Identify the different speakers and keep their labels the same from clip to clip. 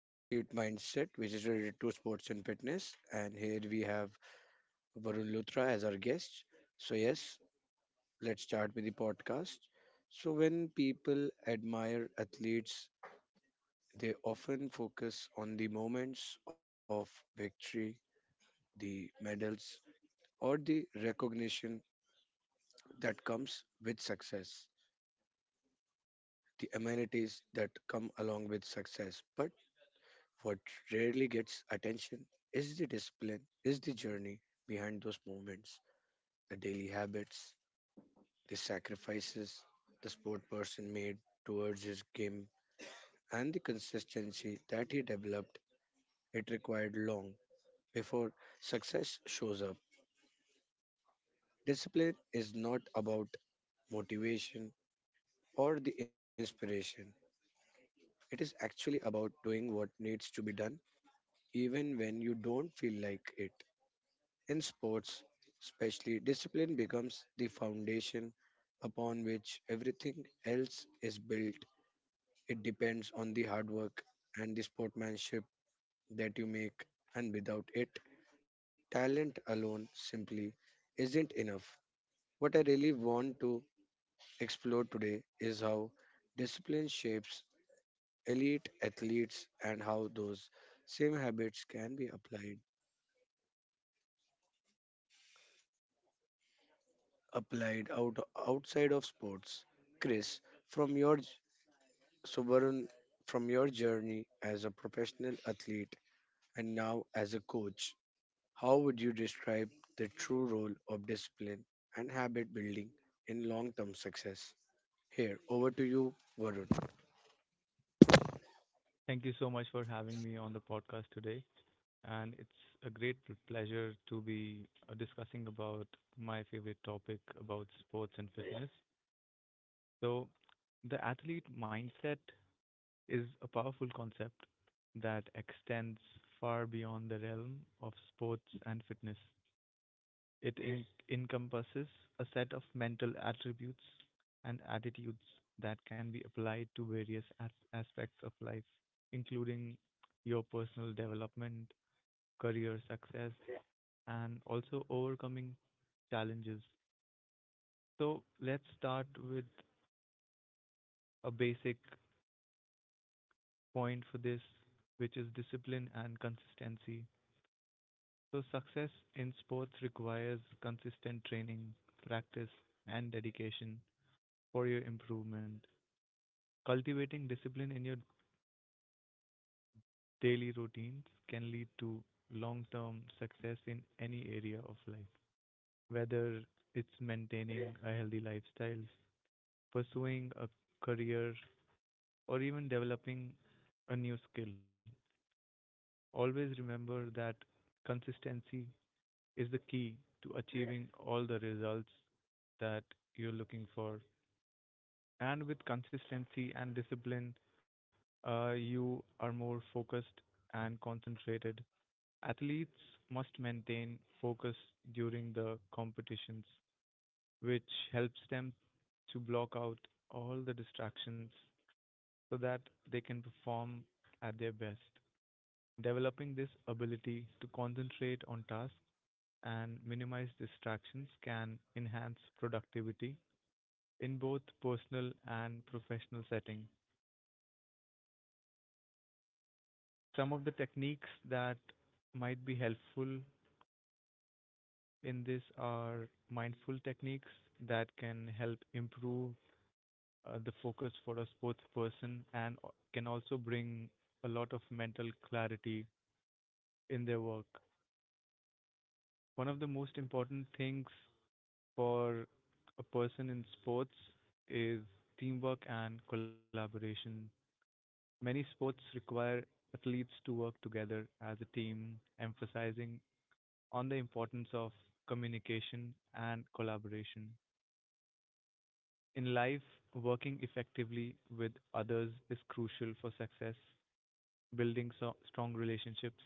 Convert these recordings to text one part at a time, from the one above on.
Speaker 1: the athlete mindset, which is related to sports and fitness. And here we have Varun Luthra as our guest. So, yes, let's start with the podcast. So, when people admire athletes, they often focus on the moments of victory, the medals, or the recognition that comes with success, the amenities that come along with success. But What rarely gets attention is the discipline, is the journey behind those moments, the daily habits, the sacrifices the sport person made towards his game, and the consistency that he developed. It required long before success shows up. Discipline is not about motivation or the inspiration. It is actually about doing what needs to be done, even when you don't feel like it. In sports, especially, discipline becomes the foundation upon which everything else is built. It depends on the hard work and the sportsmanship that you make, and without it, talent alone simply isn't enough. What I really want to explore today is how discipline shapes elite athletes and how those same habits can be applied outside of sports. Chris, from your j- sovereign from your journey as a professional athlete and now as a coach, how would you describe the true role of discipline and habit building in long-term success? Here, over to you, Varun.
Speaker 2: Thank you so much for having me on the podcast today. And it's a great pleasure to be discussing about my favorite topic about sports and fitness. So, the athlete mindset is a powerful concept that extends far beyond the realm of sports and fitness. It encompasses a set of mental attributes and attitudes that can be applied to various aspects of life, including your personal development, career success, and also overcoming challenges. So, let's start with a basic point for this, which is discipline and consistency. So, success in sports requires consistent training, practice, and dedication for your improvement. Cultivating discipline in your daily routines can lead to long term success in any area of life, whether it's maintaining, yeah, a healthy lifestyle, pursuing a career, or even developing a new skill. Always remember that consistency is the key to achieving all the results that you're looking for. And with consistency and discipline, you are more focused and concentrated. Athletes must maintain focus during the competitions, which helps them to block out all the distractions so that they can perform at their best. Developing this ability to concentrate on tasks and minimize distractions can enhance productivity in both personal and professional setting. Some of the techniques that might be helpful in this are mindful techniques that can help improve the focus for a sports person and can also bring a lot of mental clarity in their work. One of the most important things for a person in sports is teamwork and collaboration. Many sports require athletes to work together as a team, emphasizing on the importance of communication and collaboration. In life, working effectively with others is crucial for success, building strong relationships,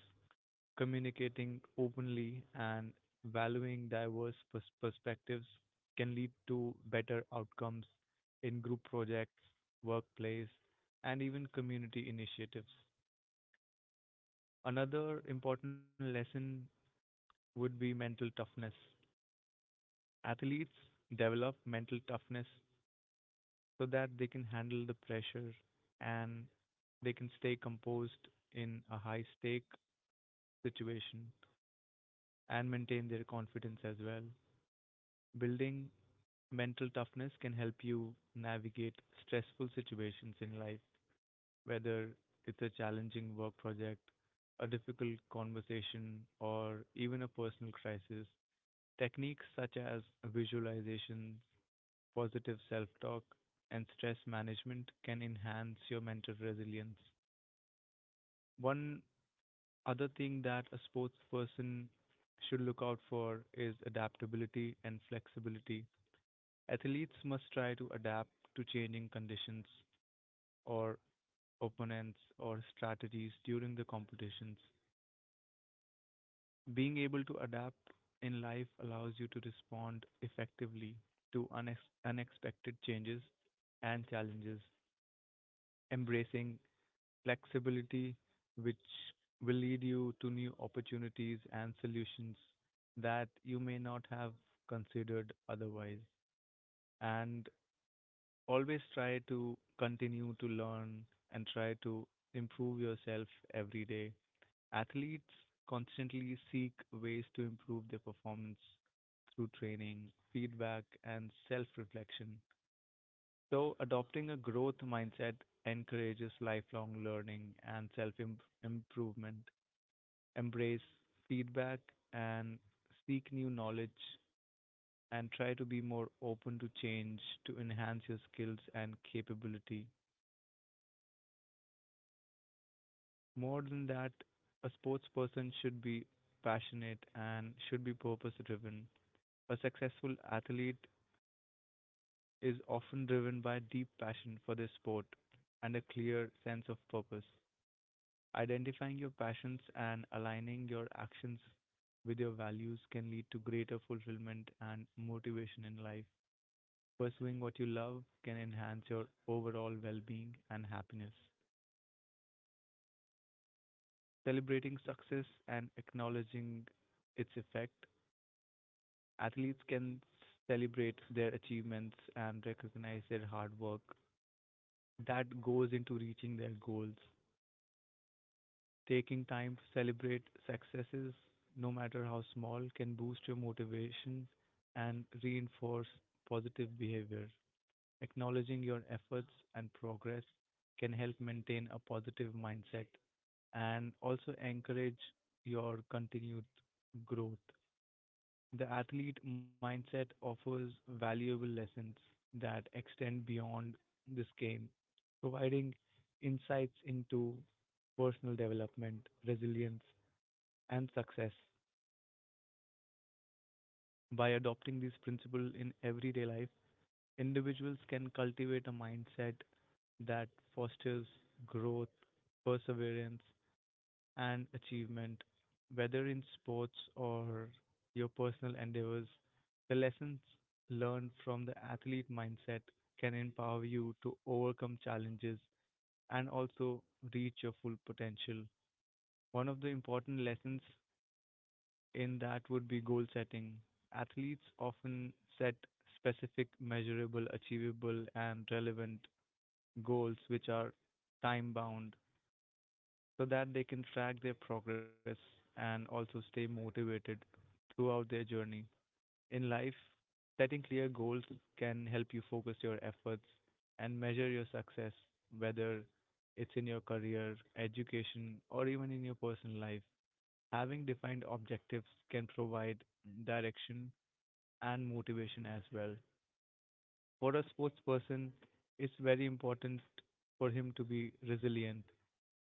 Speaker 2: communicating openly, and valuing diverse perspectives can lead to better outcomes in group projects, workplace, and even community initiatives. Another important lesson would be mental toughness. Athletes develop mental toughness so that they can handle the pressure and they can stay composed in a high stake situation and maintain their confidence as well. Building mental toughness can help you navigate stressful situations in life, whether it's a challenging work project, a difficult conversation, or even a personal crisis. Techniques such as visualizations, positive self talk, and stress management can enhance your mental resilience. One other thing that a sports person should look out for is adaptability and flexibility. Athletes must try to adapt to changing conditions or opponents or strategies during the competitions. Being able to adapt in life allows you to respond effectively to unexpected changes and challenges. Embracing flexibility, which will lead you to new opportunities and solutions that you may not have considered otherwise. And always try to continue to learn and try to improve yourself every day. Athletes constantly seek ways to improve their performance through training, feedback, and self reflection. So, adopting a growth mindset encourages lifelong learning and self improvement. Embrace feedback and seek new knowledge and try to be more open to change to enhance your skills and capability. More than that, a sports person should be passionate and should be purpose driven. A successful athlete is often driven by deep passion for their sport and a clear sense of purpose. Identifying your passions and aligning your actions with your values can lead to greater fulfillment and motivation in life. Pursuing what you love can enhance your overall well being and happiness. Celebrating success and acknowledging its effect, athletes can celebrate their achievements and recognize their hard work that goes into reaching their goals. Taking time to celebrate successes, no matter how small, can boost your motivation and reinforce positive behavior. Acknowledging your efforts and progress can help maintain a positive mindset and also encourage your continued growth. The athlete mindset offers valuable lessons that extend beyond this game, providing insights into personal development, resilience, and success. By adopting these principles in everyday life, individuals can cultivate a mindset that fosters growth, perseverance, and achievement, whether in sports or your personal endeavors. The lessons learned from the athlete mindset can empower you to overcome challenges and also reach your full potential. One of the important lessons in that would be goal setting. Athletes often set specific, measurable, achievable, and relevant goals which are time bound so that they can track their progress and also stay motivated throughout their journey. In life, setting clear goals can help you focus your efforts and measure your success, whether it's in your career, education, or even in your personal life. Having defined objectives can provide direction and motivation as well. For a sports person, it's very important for him to be resilient,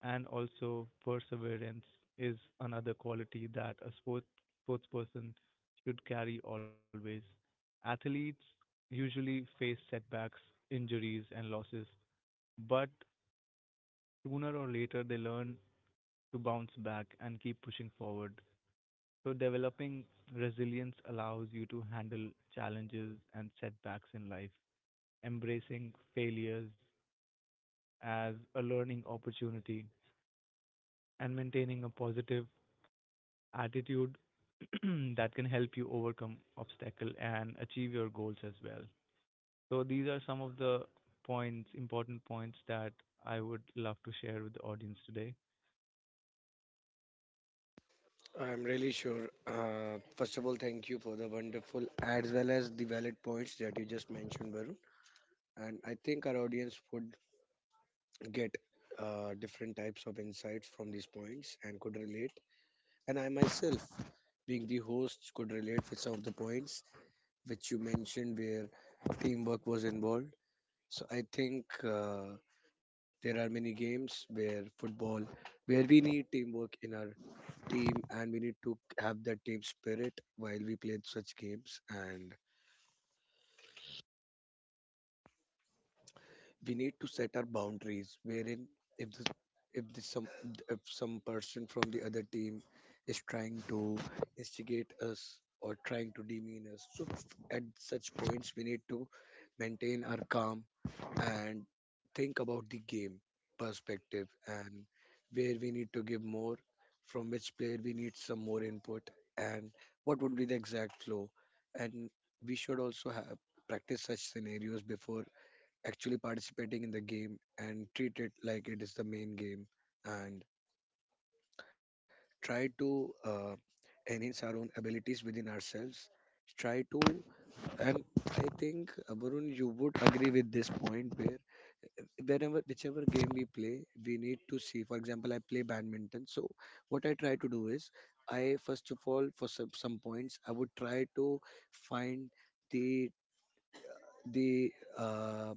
Speaker 2: and also perseverance is another quality that a sportsperson should carry always. Athletes usually face setbacks, injuries, and losses, but sooner or later they learn to bounce back and keep pushing forward. So, developing resilience allows you to handle challenges and setbacks in life, embracing failures as a learning opportunity, and maintaining a positive attitude that can help you overcome obstacle and achieve your goals as well. So these are some of the important points that I would love to share with the audience today.
Speaker 1: I'm really sure. First of all, thank you for the wonderful as well as the valid points that you just mentioned, Varun. And I think our audience would get different types of insights from these points and could relate. And I myself, being the host, could relate with some of the points which you mentioned where teamwork was involved. So I think there are many games where football, where we need teamwork in our team, and we need to have that team spirit while we play such games. And we need to set our boundaries wherein if the if the some if some person from the other team is trying to instigate us or trying to demean us, at such points we need to maintain our calm and think about the game perspective, and where we need to give more, from which player we need some more input, and what would be the exact flow. And we should also have practice such scenarios before actually participating in the game and treat it like it is the main game, and try to enhance our own abilities within ourselves, try to and I think Varun, you would agree with this point where whenever, whichever game we play, we need to see. For example, I play badminton, so what I try to do is I, first of all, for some points, I would try to find the the uh,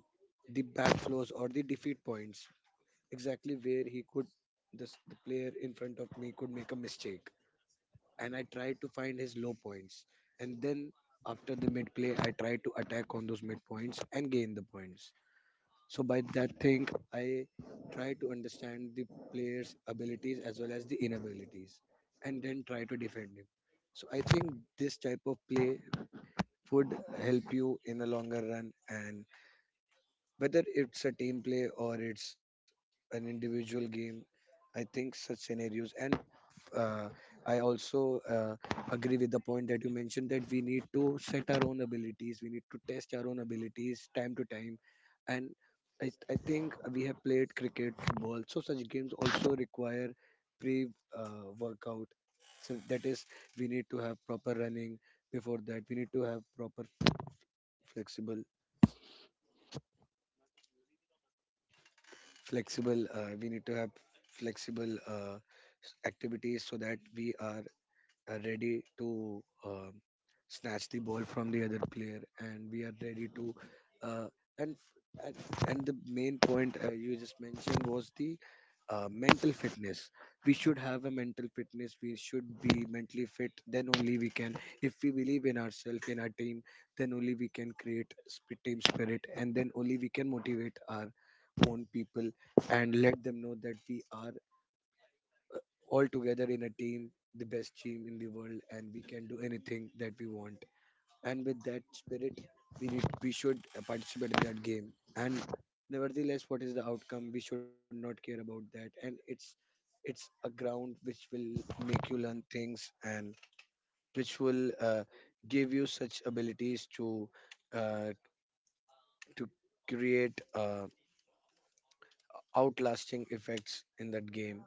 Speaker 1: the backflows or the defeat points, exactly where he could, this the player in front of me, could make a mistake. And I tried to find his low points, and then after the mid play I tried to attack on those mid points and gain the points. So by that thing, I try to understand the player's abilities as well as the inabilities, and then try to defend him. So I think this type of play would help you in the longer run. And whether it's a team play or it's an individual game, I think such scenarios. And uh, I also agree with the point that you mentioned, that we need to set our own abilities, we need to test our own abilities time to time. And I think we have played cricket, football, so such games also require pre workout. So that is, we need to have proper running before that, we need to have proper flexible flexible we need to have flexible uh, activities, so that we are ready to snatch the ball from the other player, and we are ready to. Uh, and and and The main point you just mentioned was the mental fitness. We should have a mental fitness, we should be mentally fit, then only we can, if we believe in ourselves in our team, then only we can create team spirit, and then only we can motivate our own people and let them know that we are all together in a team, the best team in the world, and we can do anything that we want. And with that spirit, we should participate in that game. And nevertheless, what is the outcome? We should not care about that. And it's a ground which will make you learn things, and which will give you such abilities to uh, to create outlasting effects in that game.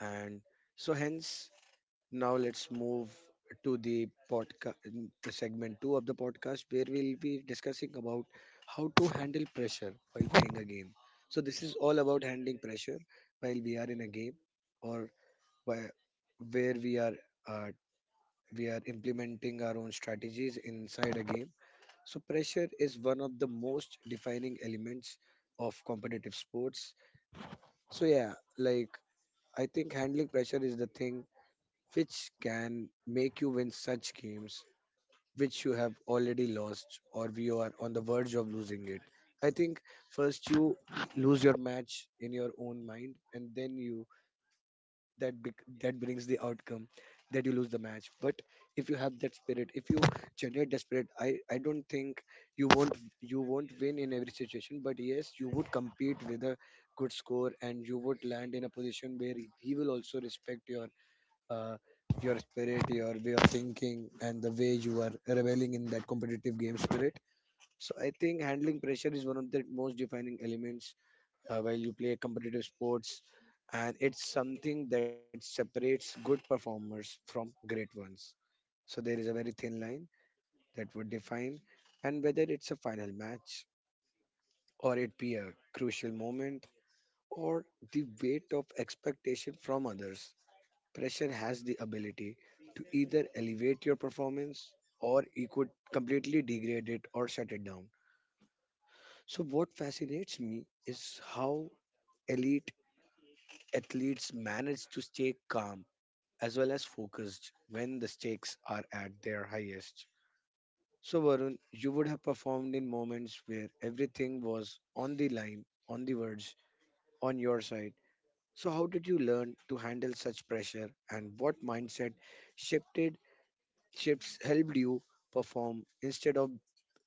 Speaker 1: And so hence, now let's move to the podcast, the segment 2 of the podcast, where we'll be discussing about how to handle pressure while playing a game. So this is all about handling pressure while we are in a game, or whi- where we are, uh, we are implementing our own strategies inside a game. So pressure is one of the most defining elements of competitive sports. So yeah, like, I think handling pressure is the thing which can make you win such games which you have already lost or you are on the verge of losing it. I think first you lose your match in your own mind, and then that brings the outcome that you lose the match. But if you have that spirit, if you generate that spirit, I don't think you won't you won't win in every situation, but yes, you would compete with a good score and you would land in a position where he will also respect uh, your spirit, your way of thinking, and the way you are reveling in that competitive game spirit. So I think handling pressure is one of the most defining elements while you play competitive sports, and it's something that separates good performers from great ones. So there is a very thin line that would define, and whether it's a final match, or it be a crucial moment, or the weight of expectation from others, pressure has the ability to either elevate your performance, or it could completely degrade it or shut it down. So, what fascinates me is how elite athletes manage to stay calm as well as focused when the stakes are at their highest. So, Varun, you would have performed in moments where everything was on the line, on the verge, on your side. So, how did you learn to handle such pressure, and what mindset shifted shifts helped you perform instead of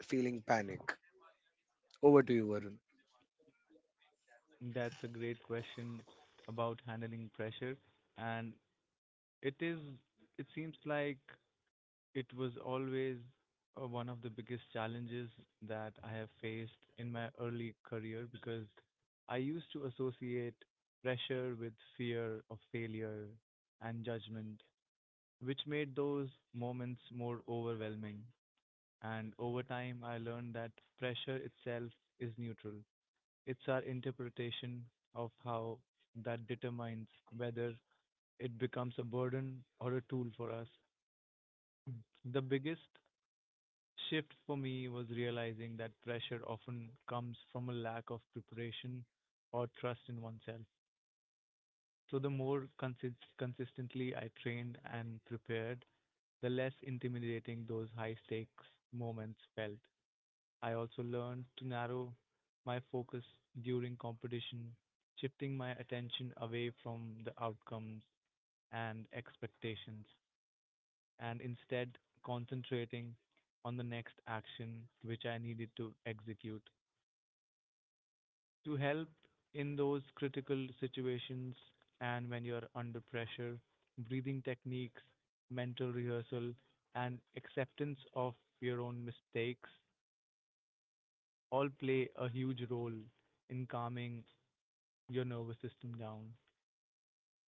Speaker 1: feeling panic. Over to you, Varun.
Speaker 2: That's a great question about handling pressure, and it is it seems like it was always one of the biggest challenges that I have faced in my early career because I used to associate pressure with fear of failure and judgment, which made those moments more overwhelming. And over time, I learned that pressure itself is neutral. It's our interpretation of how that determines whether it becomes a burden or a tool for us. The biggest shift for me was realizing that pressure often comes from a lack of preparation or trust in oneself. So the more consistently I trained and prepared, the less intimidating those high stakes moments felt. I also learned to narrow my focus during competition, shifting my attention away from the outcomes and expectations, and instead concentrating on the next action which I needed to execute to help in those critical situations. And when you're under pressure, breathing techniques, mental rehearsal, and acceptance of your own mistakes all play a huge role in calming your nervous system down.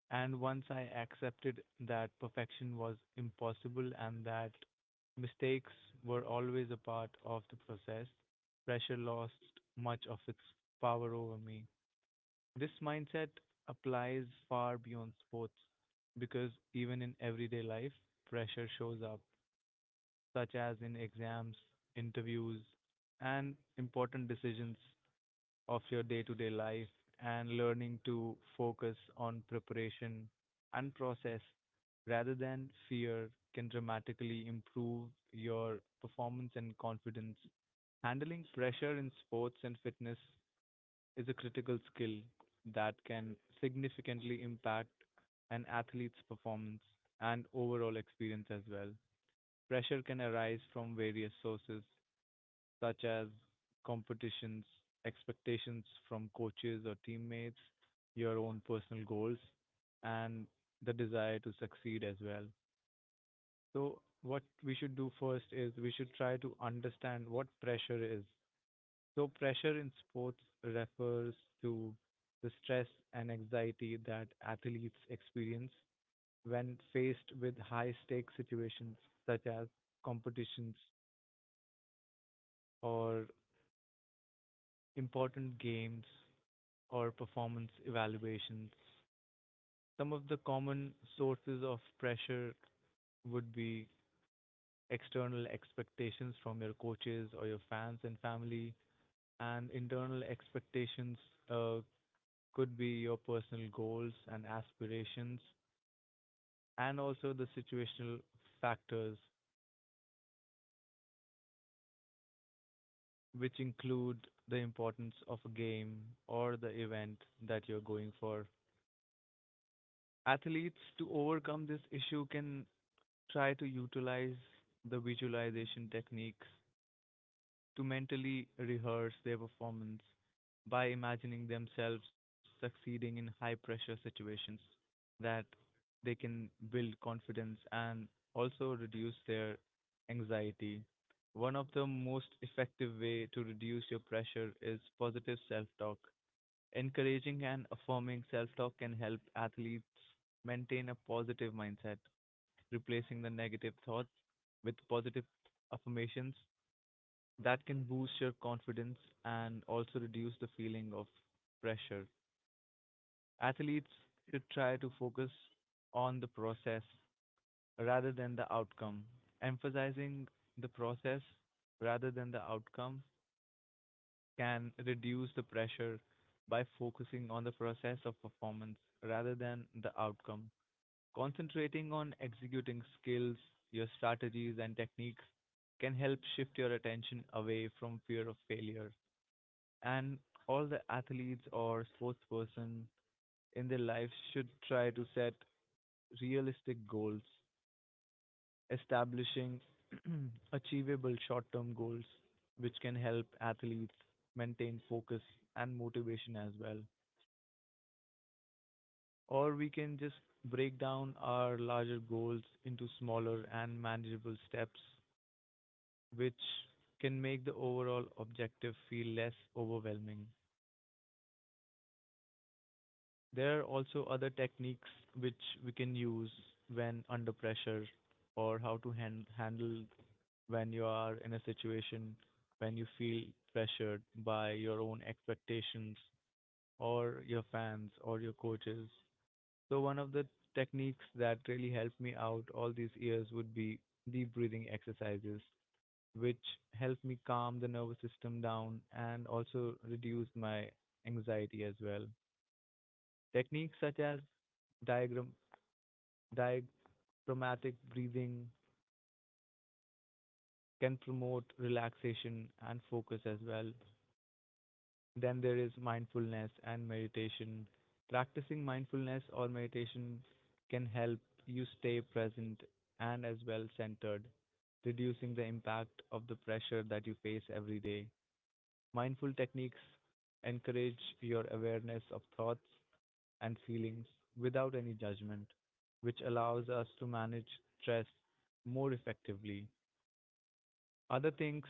Speaker 2: And once I accepted that perfection was impossible and that mistakes were always a part of the process, pressure lost much of its power over me. This mindset applies far beyond sports because even in everyday life, pressure shows up, such as in exams, interviews, and important decisions of your day to day life, and learning to focus on preparation and process rather than fear can dramatically improve your performance and confidence. Handling pressure in sports and fitness is a critical skill that can significantly impact an athlete's performance and overall experience as well. Pressure can arise from various sources, such as competitions, expectations from coaches or teammates, your own personal goals, and the desire to succeed as well. So, what we should do first is we should try to understand what pressure is. So, pressure in sports refers to the stress and anxiety that athletes experience when faced with high stake situations such as competitions or important games or performance evaluations. Some of the common sources of pressure would be external expectations from your coaches or your fans and family, and internal expectations, uh, could be your personal goals and aspirations, and also the situational factors, which include the importance of a game or the event that you're going for. Athletes, to overcome this issue, can try to utilize the visualization techniques to mentally rehearse their performance by imagining themselves succeeding in high pressure situations, that they can build confidence and also reduce their anxiety. One of the most effective way to reduce your pressure is positive self-talk. Encouraging and affirming self-talk can help athletes maintain a positive mindset, replacing the negative thoughts with positive affirmations that can boost your confidence and also reduce the feeling of pressure. Athletes should try to focus on the process rather than the outcome. Emphasizing the process rather than the outcome can reduce the pressure by focusing on the process of performance rather than the outcome. Concentrating on executing skills, your strategies, and techniques can help shift your attention away from fear of failure. And all the athletes or sports person in their lives should try to set realistic goals, establishing achievable short-term goals which can help athletes maintain focus and motivation as well. Or we can just break down our larger goals into smaller and manageable steps, which can make the overall objective feel less overwhelming. There are also other techniques which we can use when under pressure, or how to handle when you are in a situation when you feel pressured by your own expectations or your fans or your coaches. So one of the techniques that really helped me out all these years would be deep breathing exercises which help me calm the nervous system down and also reduce my anxiety as well. Techniques such as diagram diaphragmatic breathing can promote relaxation and focus as well. Then there is mindfulness and meditation. Practicing mindfulness or meditation can help you stay present and as well centered, reducing the impact of the pressure that you face every day. Mindful techniques encourage your awareness of thoughts and feelings without any judgment, which allows us to manage stress more effectively. Other things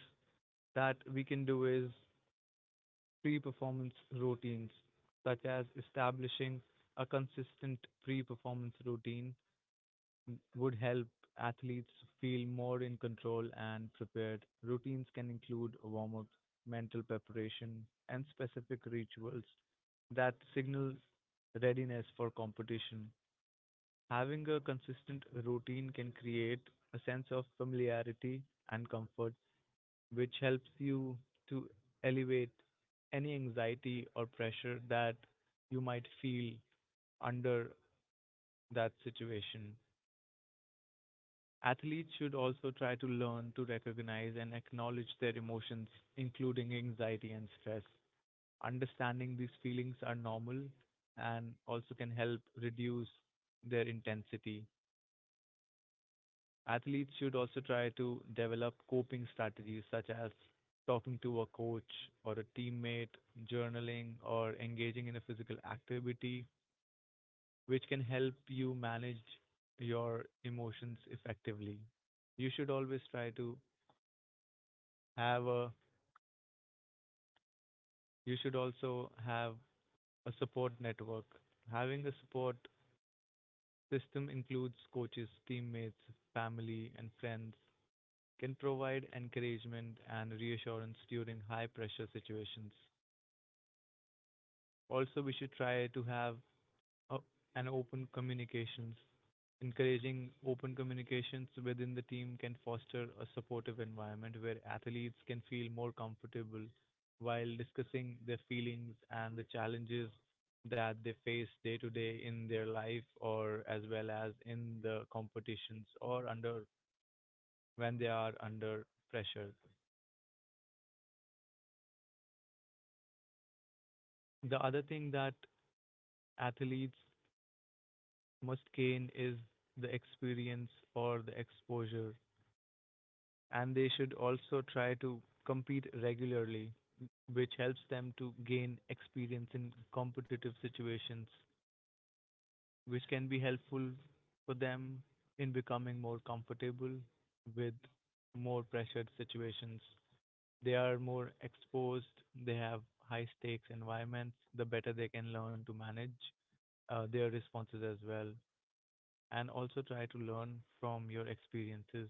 Speaker 2: that we can do is pre-performance routines, such as establishing a consistent pre-performance routine would help athletes feel more in control and prepared. Routines can include warm-ups, mental preparation, and specific rituals that signal readiness for competition. Having a consistent routine can create a sense of familiarity and comfort which helps you to elevate any anxiety or pressure that you might feel under that situation. Athletes should also try to learn to recognize and acknowledge their emotions, including anxiety and stress. Understanding these feelings are normal and also can help reduce their intensity. Athletes should also try to develop coping strategies such as talking to a coach or a teammate, journaling, or engaging in a physical activity, which can help you manage your emotions effectively. You should always try to have a, you should also have a support network. Having a support system includes coaches, teammates, family, and friends can provide encouragement and reassurance during high pressure situations. Also, we should try to have a, an open communications. Encouraging open communications within the team can foster a supportive environment where athletes can feel more comfortable while discussing their feelings and the challenges that they face day to day in their life or as well as in the competitions or under when they are under pressure. The other thing that athletes must gain is the experience or the exposure, and they should also try to compete regularly, which helps them to gain experience in competitive situations, which can be helpful for them in becoming more comfortable with more pressured situations. They are more exposed, they have high stakes environments, the better they can learn to manage their responses as well. And also try to learn from your experiences.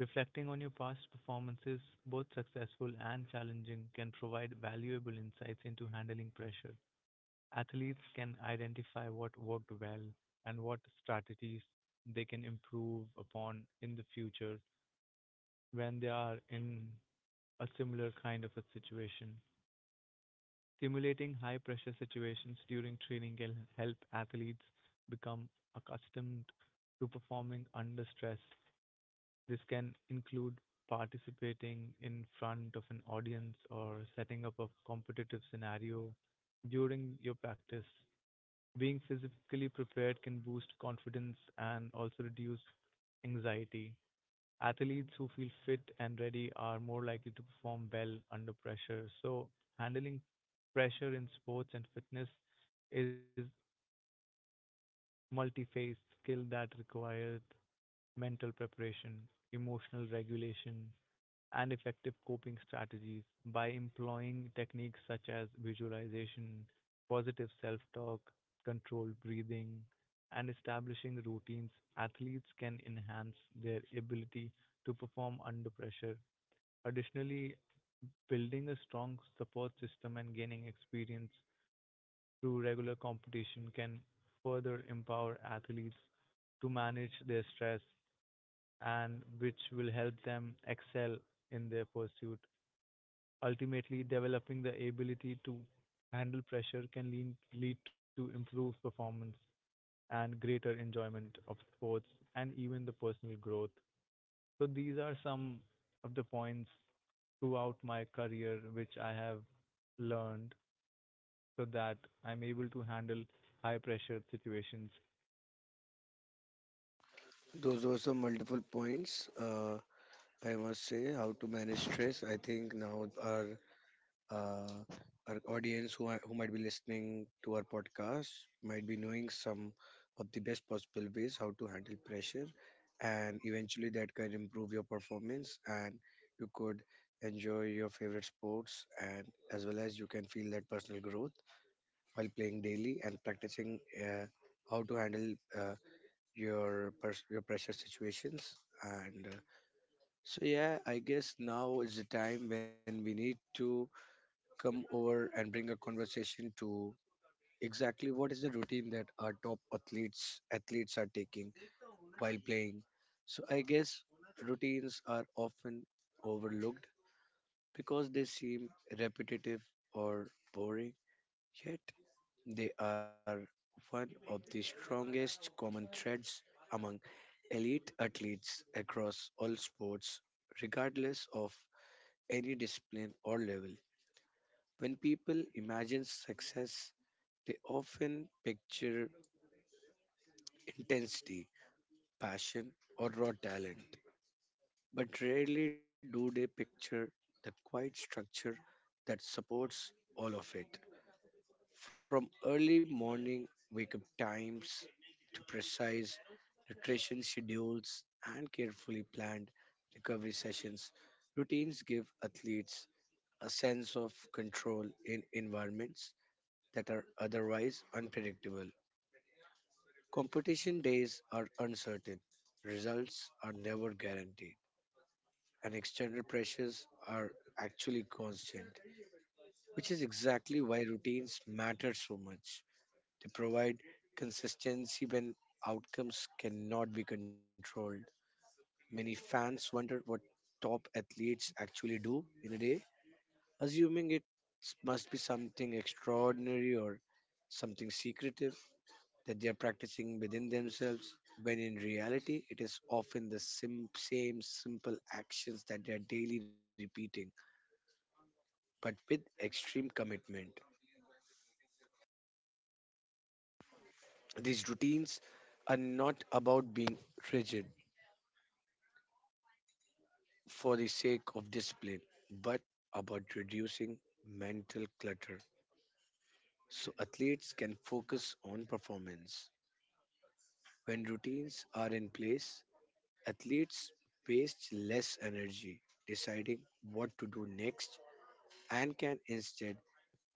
Speaker 2: Reflecting on your past performances, both successful and challenging, can provide valuable insights into handling pressure. Athletes can identify what worked well and what strategies they can improve upon in the future when they are in a similar kind of a situation. Simulating high pressure situations during training can help athletes become accustomed to performing under stress. This can include participating in front of an audience or setting up a competitive scenario during your practice. Being physically prepared can boost confidence and also reduce anxiety. Athletes who feel fit and ready are more likely to perform well under pressure. So, handling pressure in sports and fitness is multi-phase skill that requires mental preparation, emotional regulation, and effective coping strategies by employing techniques such as visualization, positive self talk, controlled breathing, and establishing routines, athletes can enhance their ability to perform under pressure. Additionally, building a strong support system and gaining experience through regular competition can further empower athletes to manage their stress and which will help them excel in their pursuit. Ultimately, developing the ability to handle pressure can lead to improved performance and greater enjoyment of sports and even the personal growth. So these are some of the points throughout my career which I have learned so that I'm able to handle high pressure situations.
Speaker 1: Those were some multiple points. I must say, how to manage stress. I think now uh, our audience, who might be listening to our podcast, might be knowing some of the best possible ways how to handle pressure, and eventually that can improve your performance and you could enjoy your favorite sports, and as well as you can feel that personal growth while playing daily and practicing how to handle uh, your pressure situations. And so yeah, I guess now is the time when we need to come over and bring a conversation to exactly what is the routine that our top athletes are taking while playing. So I guess routines are often overlooked because they seem repetitive or boring, yet they are one of the strongest common threads among elite athletes across all sports, regardless of any discipline or level. When people imagine success, they often picture intensity, passion, or raw talent, but rarely do they picture the quiet structure that supports all of it. From early morning wake up times, precise nutrition schedules, and carefully planned recovery sessions. Routines give athletes a sense of control in environments that are otherwise unpredictable. Competition days are uncertain, results are never guaranteed, and external pressures are actually constant, which is exactly why routines matter so much. They provide consistency when outcomes cannot be controlled. Many fans wonder what top athletes actually do in a day, assuming it must be something extraordinary, or something secretive that they are practicing within themselves, when in reality, it is often the same simple actions that they are daily repeating, but with extreme commitment. These routines are not about being rigid for the sake of discipline, but about reducing mental clutter so athletes can focus on performance. When routines are in place, athletes waste less energy deciding what to do next, and can instead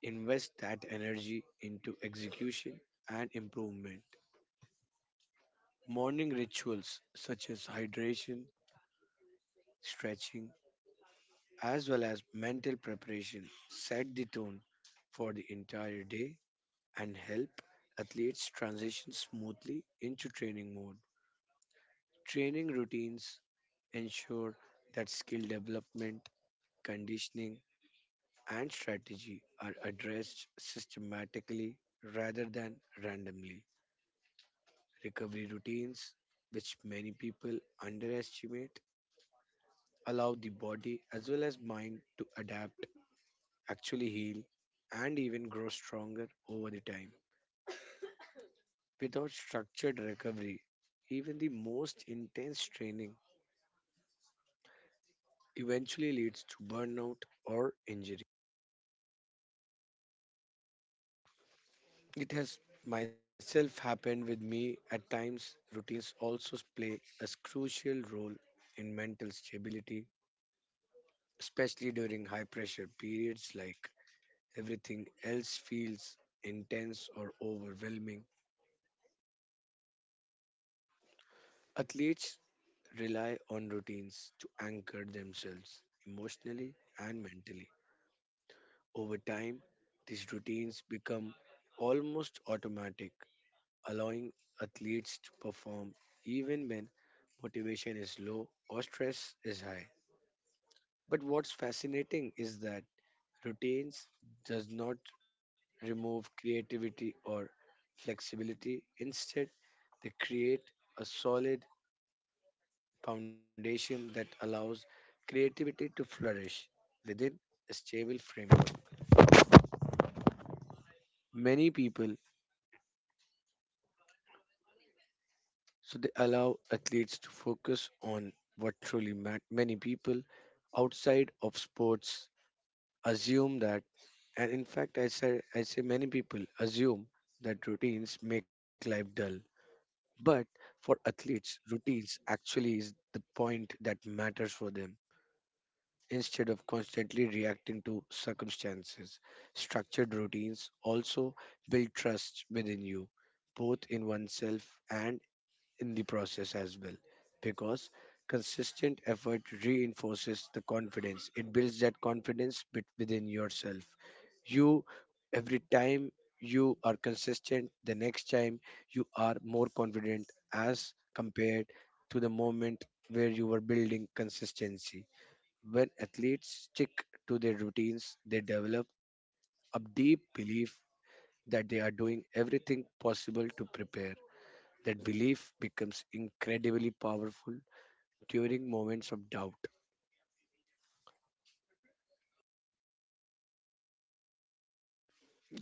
Speaker 1: invest that energy into execution and improvement. Morning rituals such as hydration, stretching, as well as mental preparation set the tone for the entire day and help athletes transition smoothly into training mode. Training routines ensure that skill development, conditioning, and strategy are addressed systematically rather than randomly. Recovery routines, which many people underestimate, allow the body as well as mind to adapt, actually heal, and even grow stronger over the time. Without structured recovery, even the most intense training eventually leads to burnout or injury. It has myself happened with me at times. Routines also play a crucial role in mental stability, especially during high pressure periods like everything else feels intense or overwhelming. Athletes rely on routines to anchor themselves emotionally and mentally. Over time, these routines become almost automatic, allowing athletes to perform even when motivation is low or stress is high. But what's fascinating is that routines does not remove creativity or flexibility. Instead, they create a solid foundation that allows creativity to flourish within a stable framework. Many people So they allow athletes to focus on what truly matters. Many people outside of sports assume that, and in fact, I say many people assume that routines make life dull. But for athletes, routines actually is the point that matters for them. Instead of constantly reacting to circumstances, structured routines also build trust within you, both in oneself and in the process as well, because consistent effort reinforces the confidence. It builds that confidence bit within yourself you Every time you are consistent, the next time you are more confident as compared to the moment where you were building consistency. When athletes stick to their routines, they develop a deep belief that they are doing everything possible to prepare. That belief becomes incredibly powerful during moments of doubt.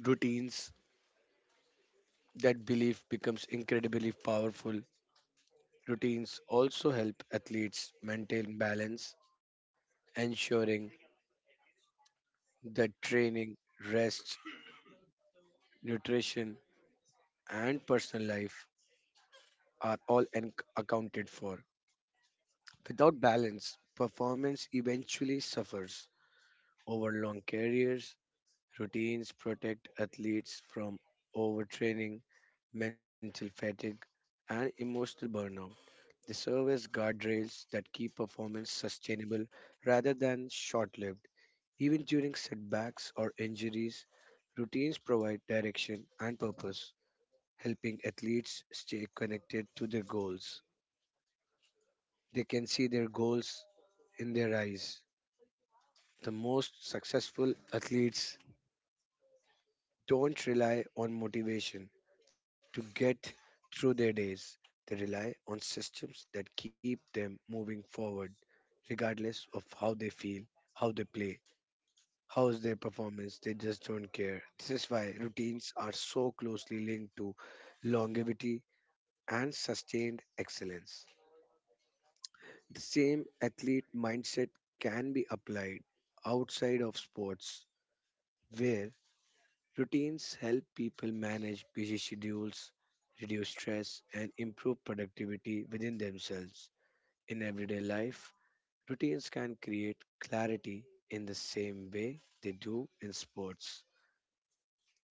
Speaker 1: Routines, that belief becomes incredibly powerful. Routines also help athletes maintain balance, ensuring that training, rest, nutrition, and personal life are all accounted for. Without balance, performance eventually suffers over long careers. Routines protect athletes from overtraining, mental fatigue, and emotional burnout. They serve as guardrails that keep performance sustainable rather than short lived. Even during setbacks or injuries, routines provide direction and purpose, helping athletes stay connected to their goals. They can see their goals in their eyes. The most successful athletes don't rely on motivation to get through their days. They rely on systems that keep them moving forward, regardless of how they feel, how they play, how is their performance. They just don't care. This is why routines are so closely linked to longevity and sustained excellence. The same athlete mindset can be applied outside of sports, where routines help people manage busy schedules, reduce stress, and improve productivity within themselves. In everyday life, routines can create clarity in the same way they do in sports.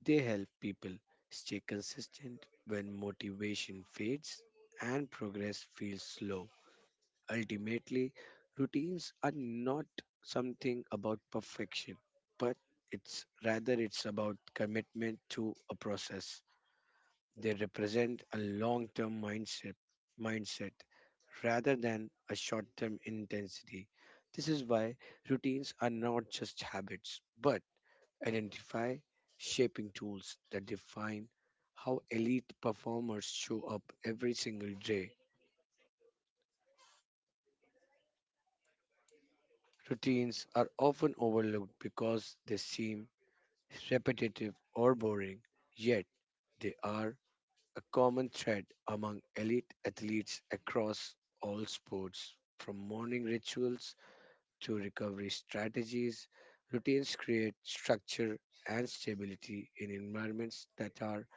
Speaker 1: They help people stay consistent when motivation fades and progress feels slow. Ultimately, routines are not something about perfection, but it's rather it's about commitment to a process. They represent a long-term mindset rather than a short-term intensity. This is why routines are not just habits, but identify shaping tools that define how elite performers show up every single day. Routines are often overlooked because they seem repetitive or boring, yet, they are a common thread among elite athletes across all sports. From morning rituals to recovery strategies, routines create structure and stability in environments that are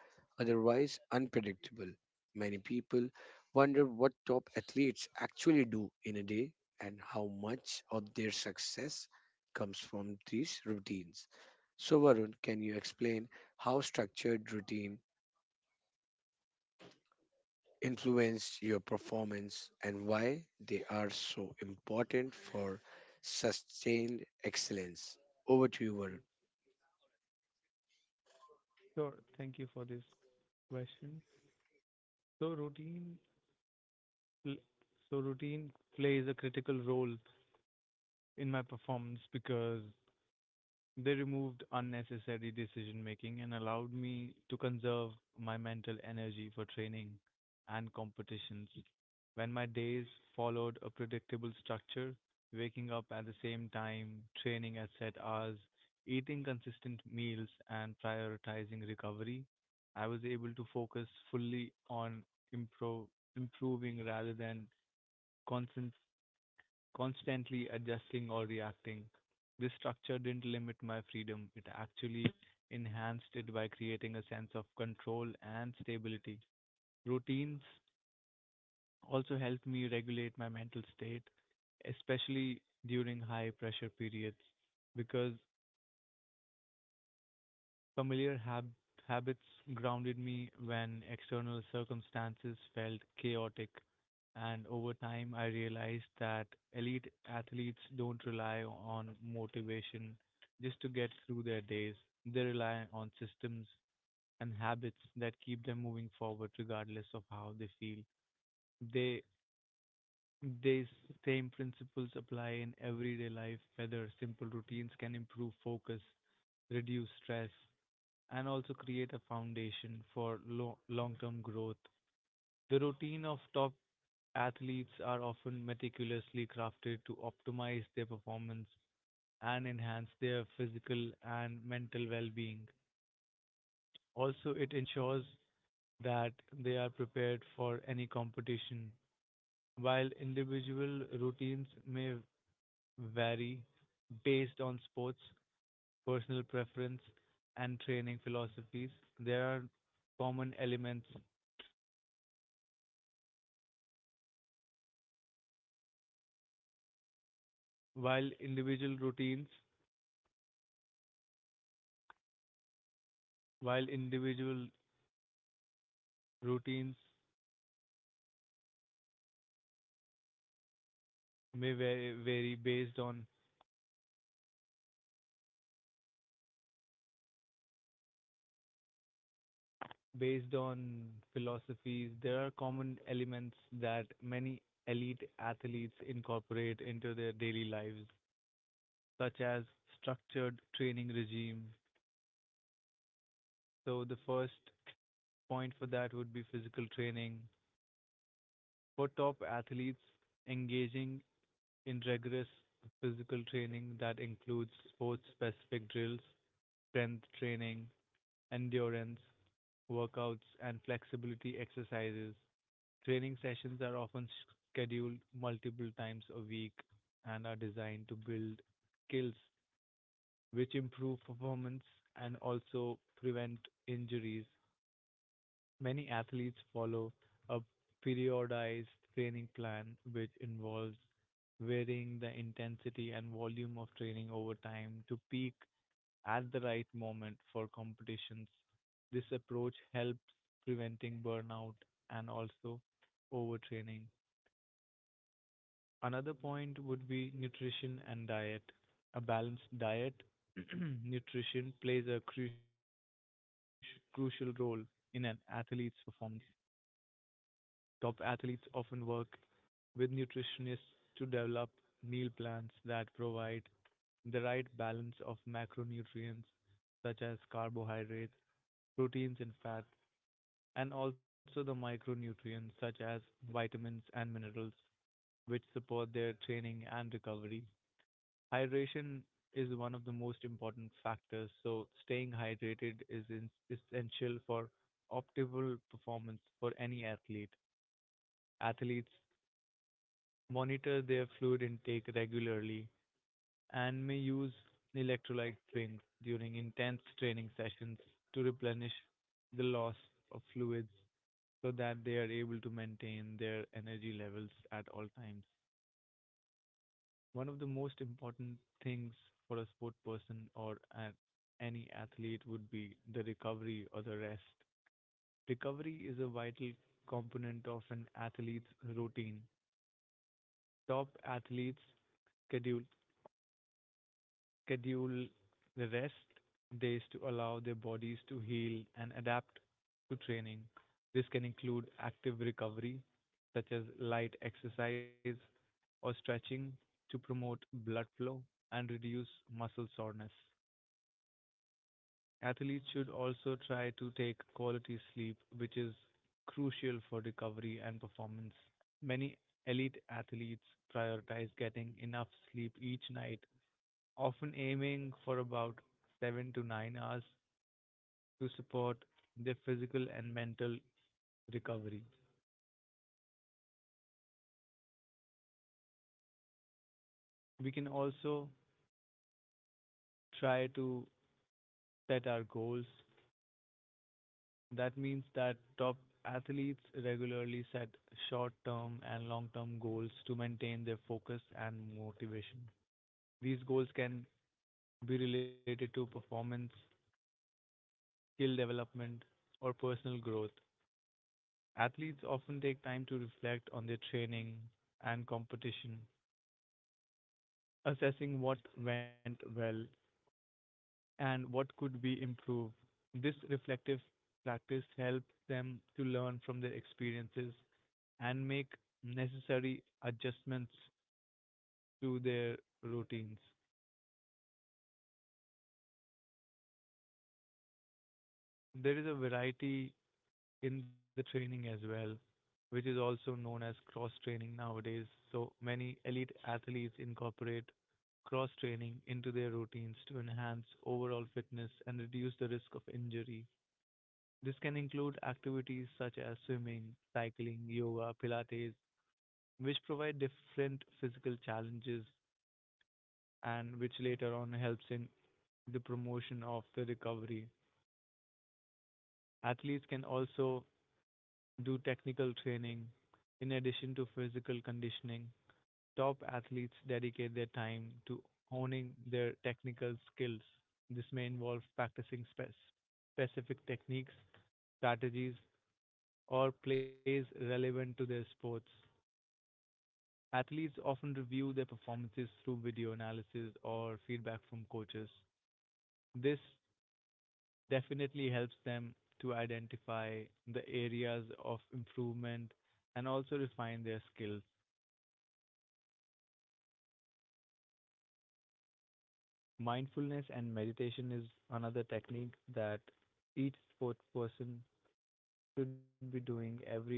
Speaker 1: otherwise unpredictable. Many people wonder what top athletes actually do in a day and how much of their success comes from these routines. So, Varun, can you explain how structured routine influence your performance and why they are so important for sustained excellence? Over to you, Varun.
Speaker 2: Sure. Thank you for this question. So routine pl- so routine plays a critical role in my performance because they removed unnecessary decision making and allowed me to conserve my mental energy for training and competitions. When my days followed a predictable structure, waking up at the same time, training at set hours, eating consistent meals, and prioritizing recovery, I was able to focus fully on impro- improving rather than concent- constantly adjusting or reacting. This structure didn't limit my freedom, it actually enhanced it by creating a sense of control and stability. Routines also helped me regulate my mental state, especially during high pressure periods, because Familiar hab- habits grounded me when external circumstances felt chaotic, and over time I realized that elite athletes don't rely on motivation just to get through their days. They rely on systems and habits that keep them moving forward regardless of how they feel. They These same principles apply in everyday life, whether simple routines can improve focus, reduce stress, and also create a foundation for long-term growth. The routine of top athletes are often meticulously crafted to optimize their performance and enhance their physical and mental well-being. Also, it ensures that they are prepared for any competition. While individual routines may vary based on sports, personal preference, and training philosophies, there are common elements While individual routines, while individual routines may va- vary based on based on philosophies, there are common elements that many elite athletes incorporate into their daily lives, such as structured training regime. So the first point for that would be physical training. For top athletes, engaging in rigorous physical training that includes sports specific drills, strength training, endurance workouts, and flexibility exercises. Training sessions are often scheduled multiple times a week and are designed to build skills which improve performance and also prevent injuries. Many athletes follow a periodized training plan which involves varying the intensity and volume of training over time to peak at the right moment for competitions. This approach helps preventing burnout and also overtraining. Another point would be nutrition and diet. A balanced diet, nutrition plays a crucial role in an athlete's performance. Top athletes often work with nutritionists to develop meal plans that provide the right balance of macronutrients such as carbohydrates, proteins, and fats, and also the micronutrients such as vitamins and minerals, which support their training and recovery. Hydration is one of the most important factors, so staying hydrated is essential for optimal performance for any athlete. Athletes monitor their fluid intake regularly and may use electrolyte drinks during intense training sessions to replenish the loss of fluids so that they are able to maintain their energy levels at all times. One of the most important things for a sport person or any athlete would be the recovery or the rest. Recovery is a vital component of an athlete's routine. Top athletes schedule schedule the rest days to allow their bodies to heal and adapt to training. This can include active recovery, such as light exercise or stretching to promote blood flow and reduce muscle soreness. Athletes should also try to take quality sleep, which is crucial for recovery and performance. Many elite athletes prioritize getting enough sleep each night, often aiming for about 7 to 9 hours to support their physical and mental recovery. We can also try to set our goals. That means that top athletes regularly set short term and long term goals to maintain their focus and motivation. These goals can be related to performance, skill development, or personal growth. Athletes often take time to reflect on their training and competition, assessing what went well and what could be improved. This reflective practice helps them to learn from their experiences and make necessary adjustments to their routines. There is a variety in the training as well, which is also known as cross training nowadays. So many elite athletes incorporate cross training into their routines to enhance overall fitness and reduce the risk of injury. This can include activities such as swimming, cycling, yoga, Pilates, which provide different physical challenges and which later on helps in the promotion of the recovery. Athletes can also do technical training in addition to physical conditioning. Top athletes dedicate their time to honing their technical skills. This may involve practicing specific techniques, strategies, or plays relevant to their sports. Athletes often review their performances through video analysis or feedback from coaches. This definitely helps them to identify the areas of improvement and also refine their skills. Mindfulness and meditation is another technique that each sports person should be doing every day.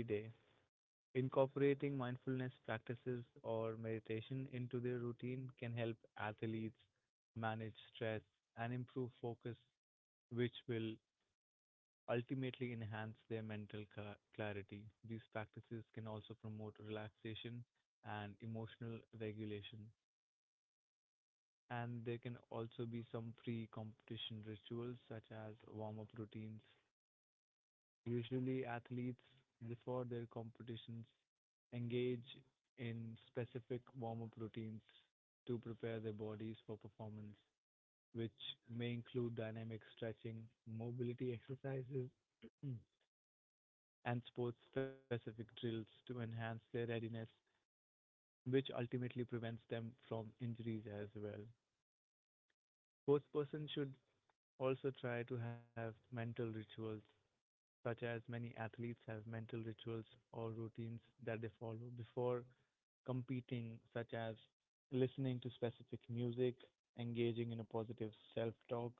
Speaker 2: Incorporating mindfulness practices or meditation into their routine can help athletes manage stress and improve focus which will ultimately enhance their mental clarity. These practices can also promote relaxation and emotional regulation. And there can also be some pre competition rituals such as warm up routines. Usually, athletes before their competitions engage in specific warm up routines to prepare their bodies for performance, which may include dynamic stretching, mobility exercises, and sports specific drills to enhance their readiness, which ultimately prevents them from injuries as well. Sportspersons should also try to have mental rituals, such as many athletes have mental rituals or routines that they follow before competing, such as listening to specific music, engaging in a positive self talk,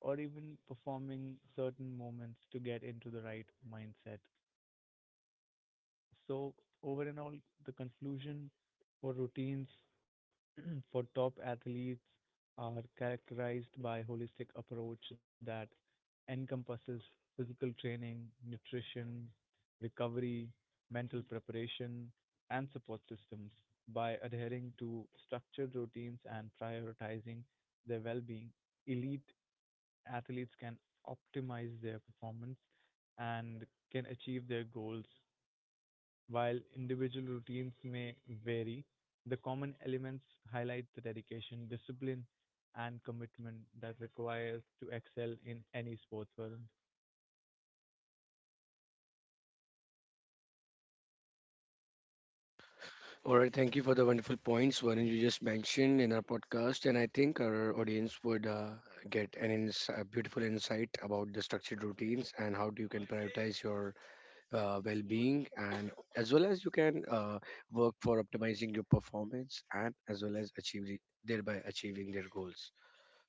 Speaker 2: or even performing certain moments to get into the right mindset. So, over and all, the conclusion for routines for top athletes are characterized by holistic approach that encompasses physical training, nutrition, recovery, mental preparation, and support systems. By adhering to structured routines and prioritizing their well-being, elite athletes can optimize their performance and can achieve their goals while individual routines may vary, the common elements highlight the dedication, discipline, and commitment that requires to excel in any sports world.
Speaker 1: All right, thank you for the wonderful points, Varun, you just mentioned in our podcast. And I think our audience would get an a beautiful insight about the structured routines and how do you can prioritize your well being, and as well as you can work for optimizing your performance and as well as achieving thereby achieving their goals.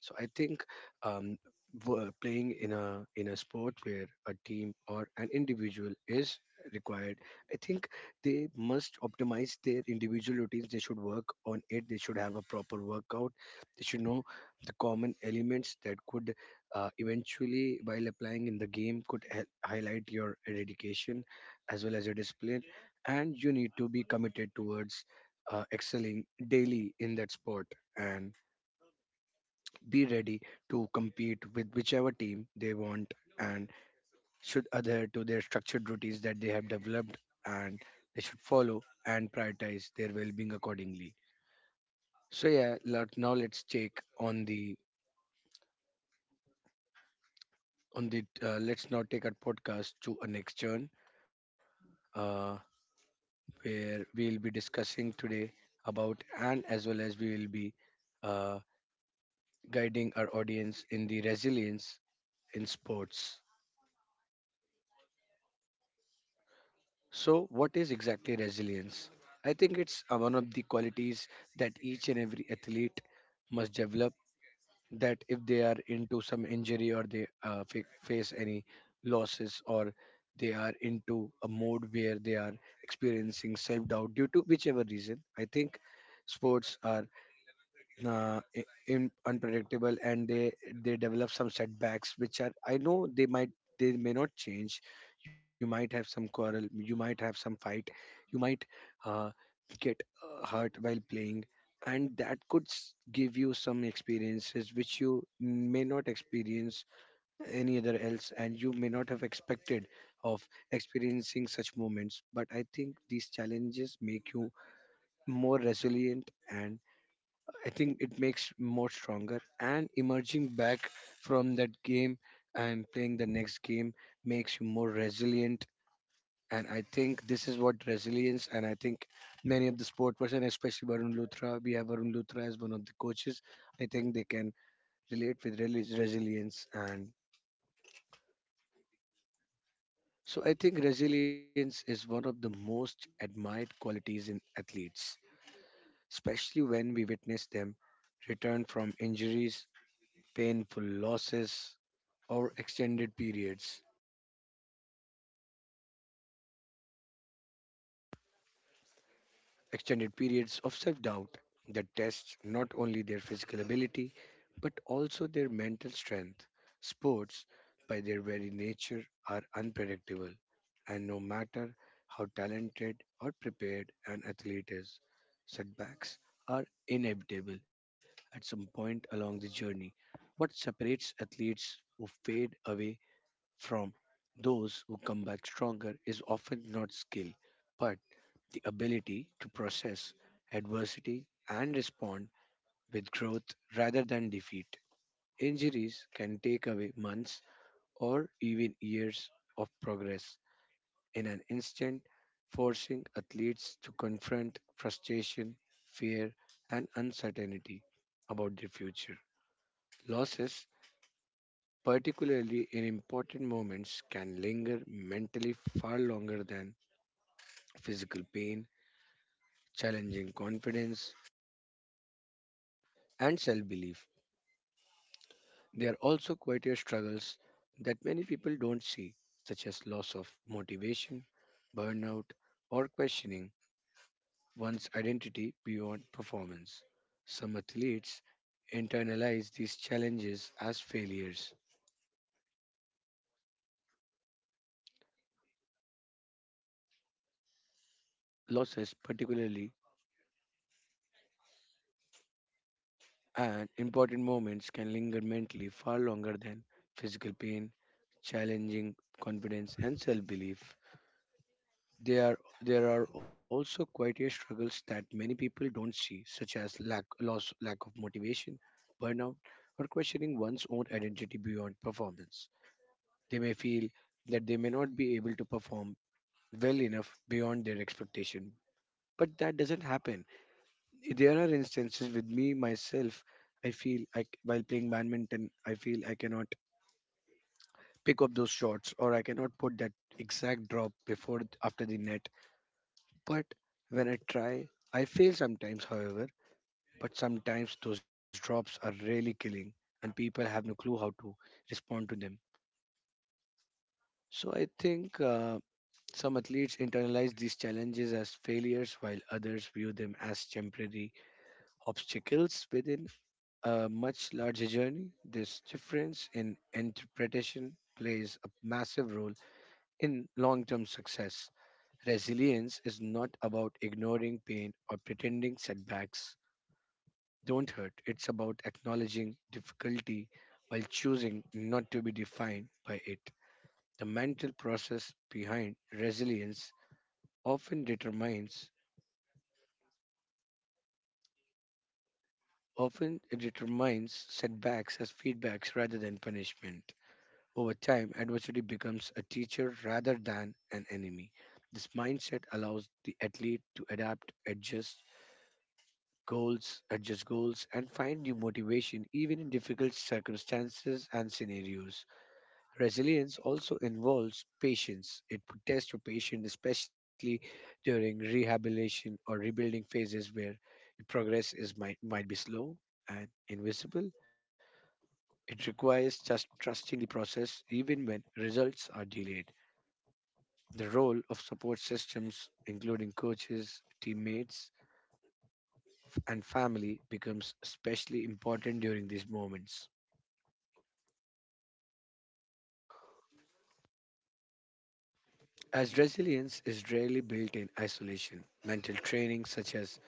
Speaker 1: So I think um, playing in a sport where a team or an individual is required, I think they must optimize their individual routines. They should work on it. They should have a proper workout. They should know the common elements that could eventually, while applying in the game, could highlight your dedication as well as your discipline. And you need to be committed towards excelling daily in that sport, and be ready to compete with whichever team they want, and should adhere to their structured routines that they have developed, and they should follow and prioritize their well-being accordingly. So, yeah, now let's check on the on the let's now take our podcast to a next turn, uh, where we'll be discussing today about and as well as we will be uh, guiding our audience in the resilience in sports. So, what is exactly resilience? I think it's one of the qualities that each and every athlete must develop. That, if they are into some injury, or they face any losses, or they are into a mode where they are experiencing self doubt due to whichever reason, I think sports are unpredictable, and they develop some setbacks which are, I know, they may not change. You might have some quarrel, you might have some fight, you might uh, get hurt while playing, and that could give you some experiences which you may not experience any other else, and you may not have expected of experiencing such moments. But I think these challenges make you more resilient. And I think it makes more stronger, and emerging back from that game and playing the next game makes you more resilient. And I think this is what resilience. And I think many of the sport person, especially Varun Luthra, we have Varun Luthra as one of the coaches, I think they can relate with resilience. And so I think resilience is one of the most admired qualities in athletes, especially when we witness them return from injuries, painful losses, or extended periods of self-doubt that test not only their physical ability but also their mental strength. Sports, by their very nature, are unpredictable, and no matter how talented or prepared an athlete is, setbacks are inevitable at some point along the journey. What separates athletes who fade away from those who come back stronger is often not skill, but the ability to process adversity and respond with growth rather than defeat. Injuries can take away months or even years of progress in an instant, forcing athletes to confront frustration, fear, and uncertainty about their future. Losses, particularly in important moments, can linger mentally far longer than physical pain, challenging confidence, and self belief. They are also quieter struggles that many people don't see, such as loss of motivation, burnout, or questioning one's identity beyond performance. Some athletes internalize these challenges as failures, losses, particularly and important moments can linger mentally far longer than physical pain, challenging confidence and self-belief. There are also quieter struggles that many people don't see, such as lack of motivation, burnout, or questioning one's own identity beyond performance. They may feel that they may not be able to perform well enough beyond their expectation. But that doesn't happen. There are instances with me myself, I feel like while playing badminton I feel I cannot pick up those shots, or I cannot put that exact drop before after the net. But when I try, I fail sometimes. However, but sometimes those drops are really killing, and people have no clue how to respond to them. So I think some athletes internalize these challenges as failures while others view them as temporary obstacles within a much larger journey. This difference in interpretation plays a massive role in long term success. Resilience is not about ignoring pain or pretending setbacks don't hurt, it's about acknowledging difficulty while choosing not to be defined by it. The mental process behind resilience often determines often it determines setbacks as feedbacks rather than punishment. Over time, adversity becomes a teacher rather than an enemy. This mindset allows the athlete to adapt, adjust goals, and find new motivation even in difficult circumstances and scenarios. Resilience also involves patience. It would test your patience, especially during rehabilitation or rebuilding phases where your progress is might be slow and invisible. It requires just trusting the process even when results are delayed. The role of support systems, including coaches, teammates, and family, becomes especially important during these moments. As resilience is rarely built in isolation, mental training such as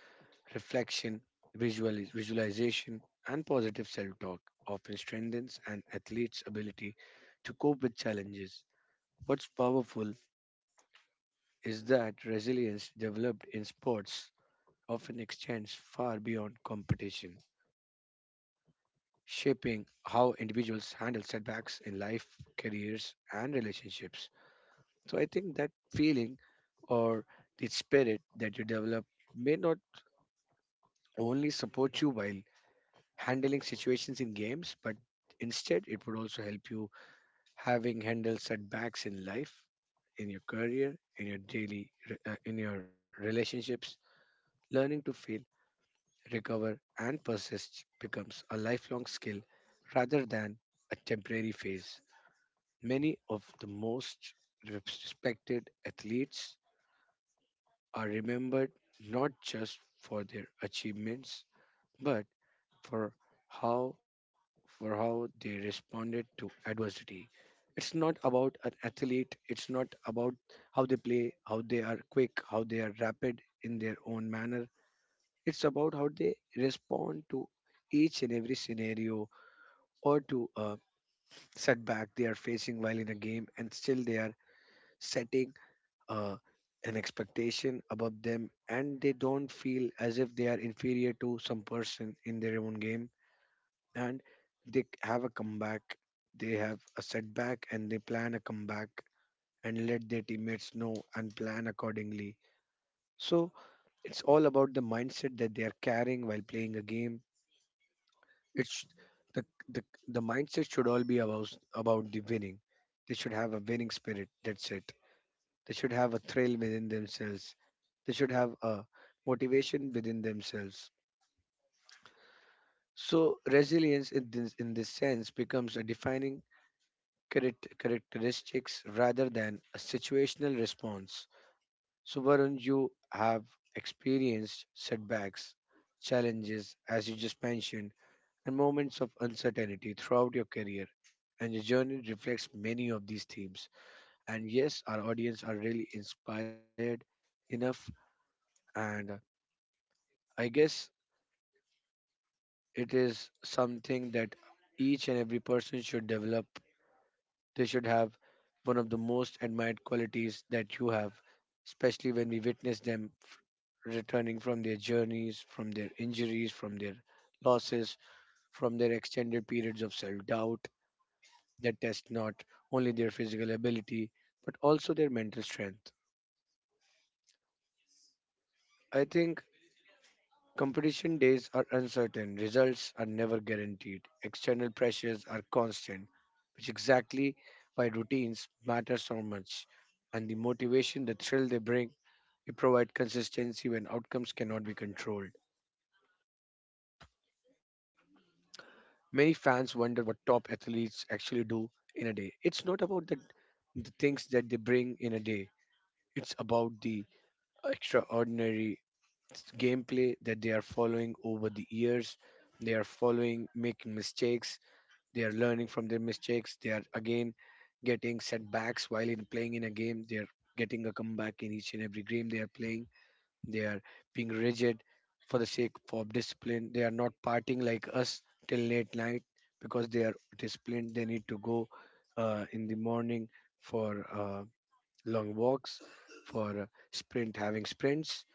Speaker 1: reflection, visualization, and positive self talk often strengthens an athlete's ability to cope with challenges. What's powerful is that resilience developed in sports often extends far beyond competition, shaping how individuals handle setbacks in life, careers, and relationships. So I think that feeling, or the spirit that you develop, may not only support you while handling situations in games, but instead it would also help you having handled setbacks in life, in your career, in your daily, in your relationships. Learning to fail, recover, and persist becomes a lifelong skill rather than a temporary phase. Many of the most respected athletes are remembered not just for their achievements, but for how for how they responded to adversity. It's not about an athlete, it's not about how they play, how they are quick, how they are rapid in their own manner. It's about how they respond to each and every scenario or to a setback they are facing, while in a game, and still they are setting uh, an expectation above them, and they don't feel as if they are inferior to some person in their own game. And they have a comeback, they have a setback and they plan a comeback, and let their teammates know and plan accordingly. So it's all about the mindset that they are carrying while playing a game. it's the the, the mindset should all be about the winning. They should have a winning spirit, that's it. They should have a thrill within themselves. They should have a motivation within themselves. So resilience in this sense becomes a defining characteristics rather than a situational response. So Varun, you have experienced setbacks, challenges, as you just mentioned, and moments of uncertainty throughout your career. And your journey reflects many of these themes. And yes, our audience are really inspired enough, and I guess it is something that each and every person should develop. They should have one of the most admired qualities that you have, especially when we witness them returning from their journeys, from their injuries, from their losses, from their extended periods of self doubt that test not only their physical ability but also their mental strength. I think competition days are uncertain, results are never guaranteed, external pressures are constant, which exactly why routines matter so much. And the motivation, the thrill they bring, they provide consistency when outcomes cannot be controlled. Many fans wonder what top athletes actually do in a day. It's not about the things that they bring in a day, it's about the extraordinary gameplay that they are following over the years. They are following, making mistakes. They are learning from their mistakes. They are again getting setbacks while in playing in a game. They are getting a comeback in each and every game they are playing. They are being rigid for the sake of discipline. They are not partying like us till late night because they are disciplined. They need to go in the morning, for long walks, for sprint having sprints,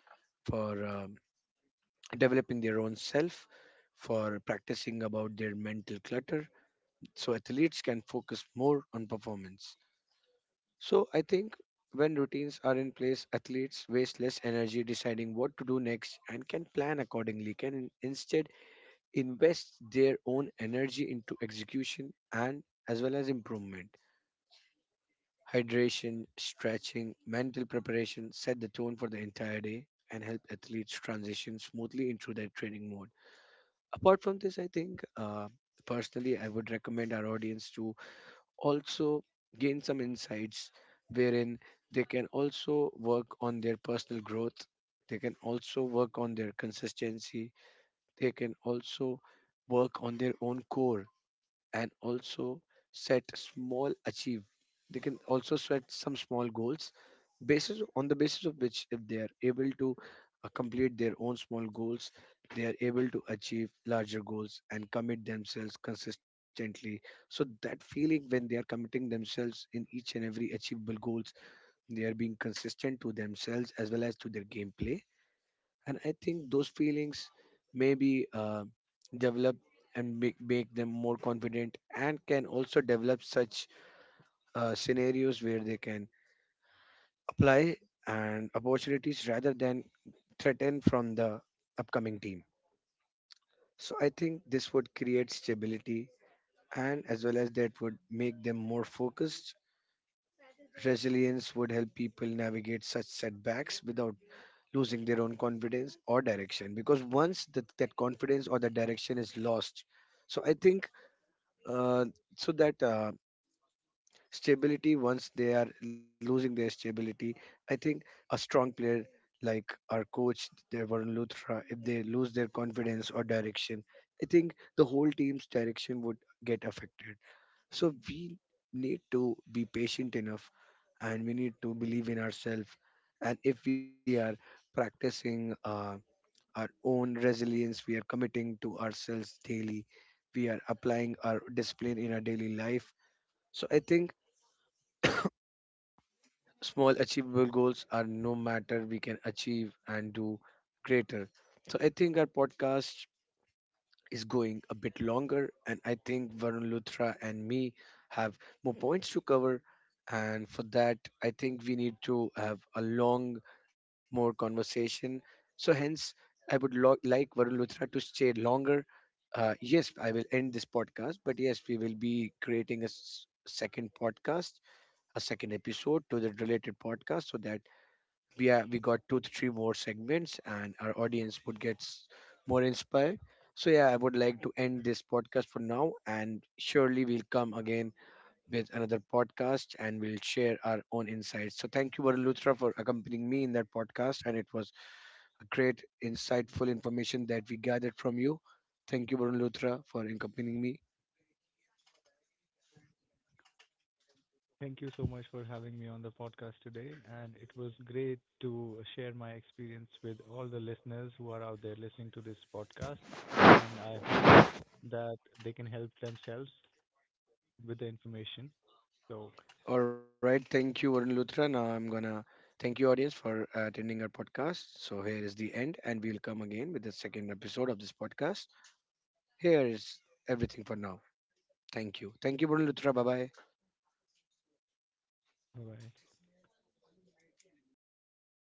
Speaker 1: for developing their own self, for practicing about their mental clutter, so athletes can focus more on performance. So I think when routines are in place, athletes waste less energy deciding what to do next and can plan accordingly, can instead invest their own energy into execution and as well as improvement. Hydration, stretching, mental preparation set the tone for the entire day and help athletes transition smoothly into their training mode. Apart from this, I think personally, I would recommend our audience to also gain some insights wherein they can also work on their personal growth, they can also work on their consistency, they can also work on their own core, and also set small achieve they can also set some small goals, basis on the basis of which, if they are able to complete their own small goals, they are able to achieve larger goals and commit themselves consistently. So that feeling when they are committing themselves in each and every achievable goals, they are being consistent to themselves as well as to their gameplay. And I think those feelings maybe develop and make them more confident, and can also develop such scenarios where they can apply and opportunities rather than threaten from the upcoming team. So I think this would create stability and as well as that would make them more focused. Resilience would help people navigate such setbacks without losing their own confidence or direction, because once that confidence or the direction is lost, so I think uh, so that stability, once they are losing their stability, I think a strong player like our coach their Varun Luthra, if they lose their confidence or direction, I think the whole team's direction would get affected. So we need to be patient enough, and we need to believe in ourselves, and if we are practicing our own resilience. We are committing to ourselves daily. We are applying our discipline in our daily life. So I think small achievable goals are no matter, we can achieve and do greater. So I think our podcast is going a bit longer, and I think Varun Luthra and me have more points to cover. And for that, I think we need to have a long, more conversation. So hence, I would like Varun Luthra to stay longer. Yes, I will end this podcast, but yes, we will be creating a second podcast, a second episode to the related podcast, so that we got two to three more segments, and our audience would get more inspired. So yeah, I would like to end this podcast for now, and surely we'll come again with another podcast, and we'll share our own insights. So thank you, Varun Luthra, for accompanying me in that podcast, and it was a great insightful information that we gathered from you. Thank you, Varun Luthra, for accompanying me.
Speaker 2: Thank you so much for having me on the podcast today, and it was great to share my experience with all the listeners who are out there listening to this podcast, and I hope that they can help themselves with the information. So,
Speaker 1: All right, thank you, Varun Luthra. Now I'm gonna thank you, audience, for attending our podcast. So here is the end, and we'll come again with the second episode of this podcast. Here is everything for now. Thank you, Varun Luthra. Bye bye.
Speaker 2: bye bye.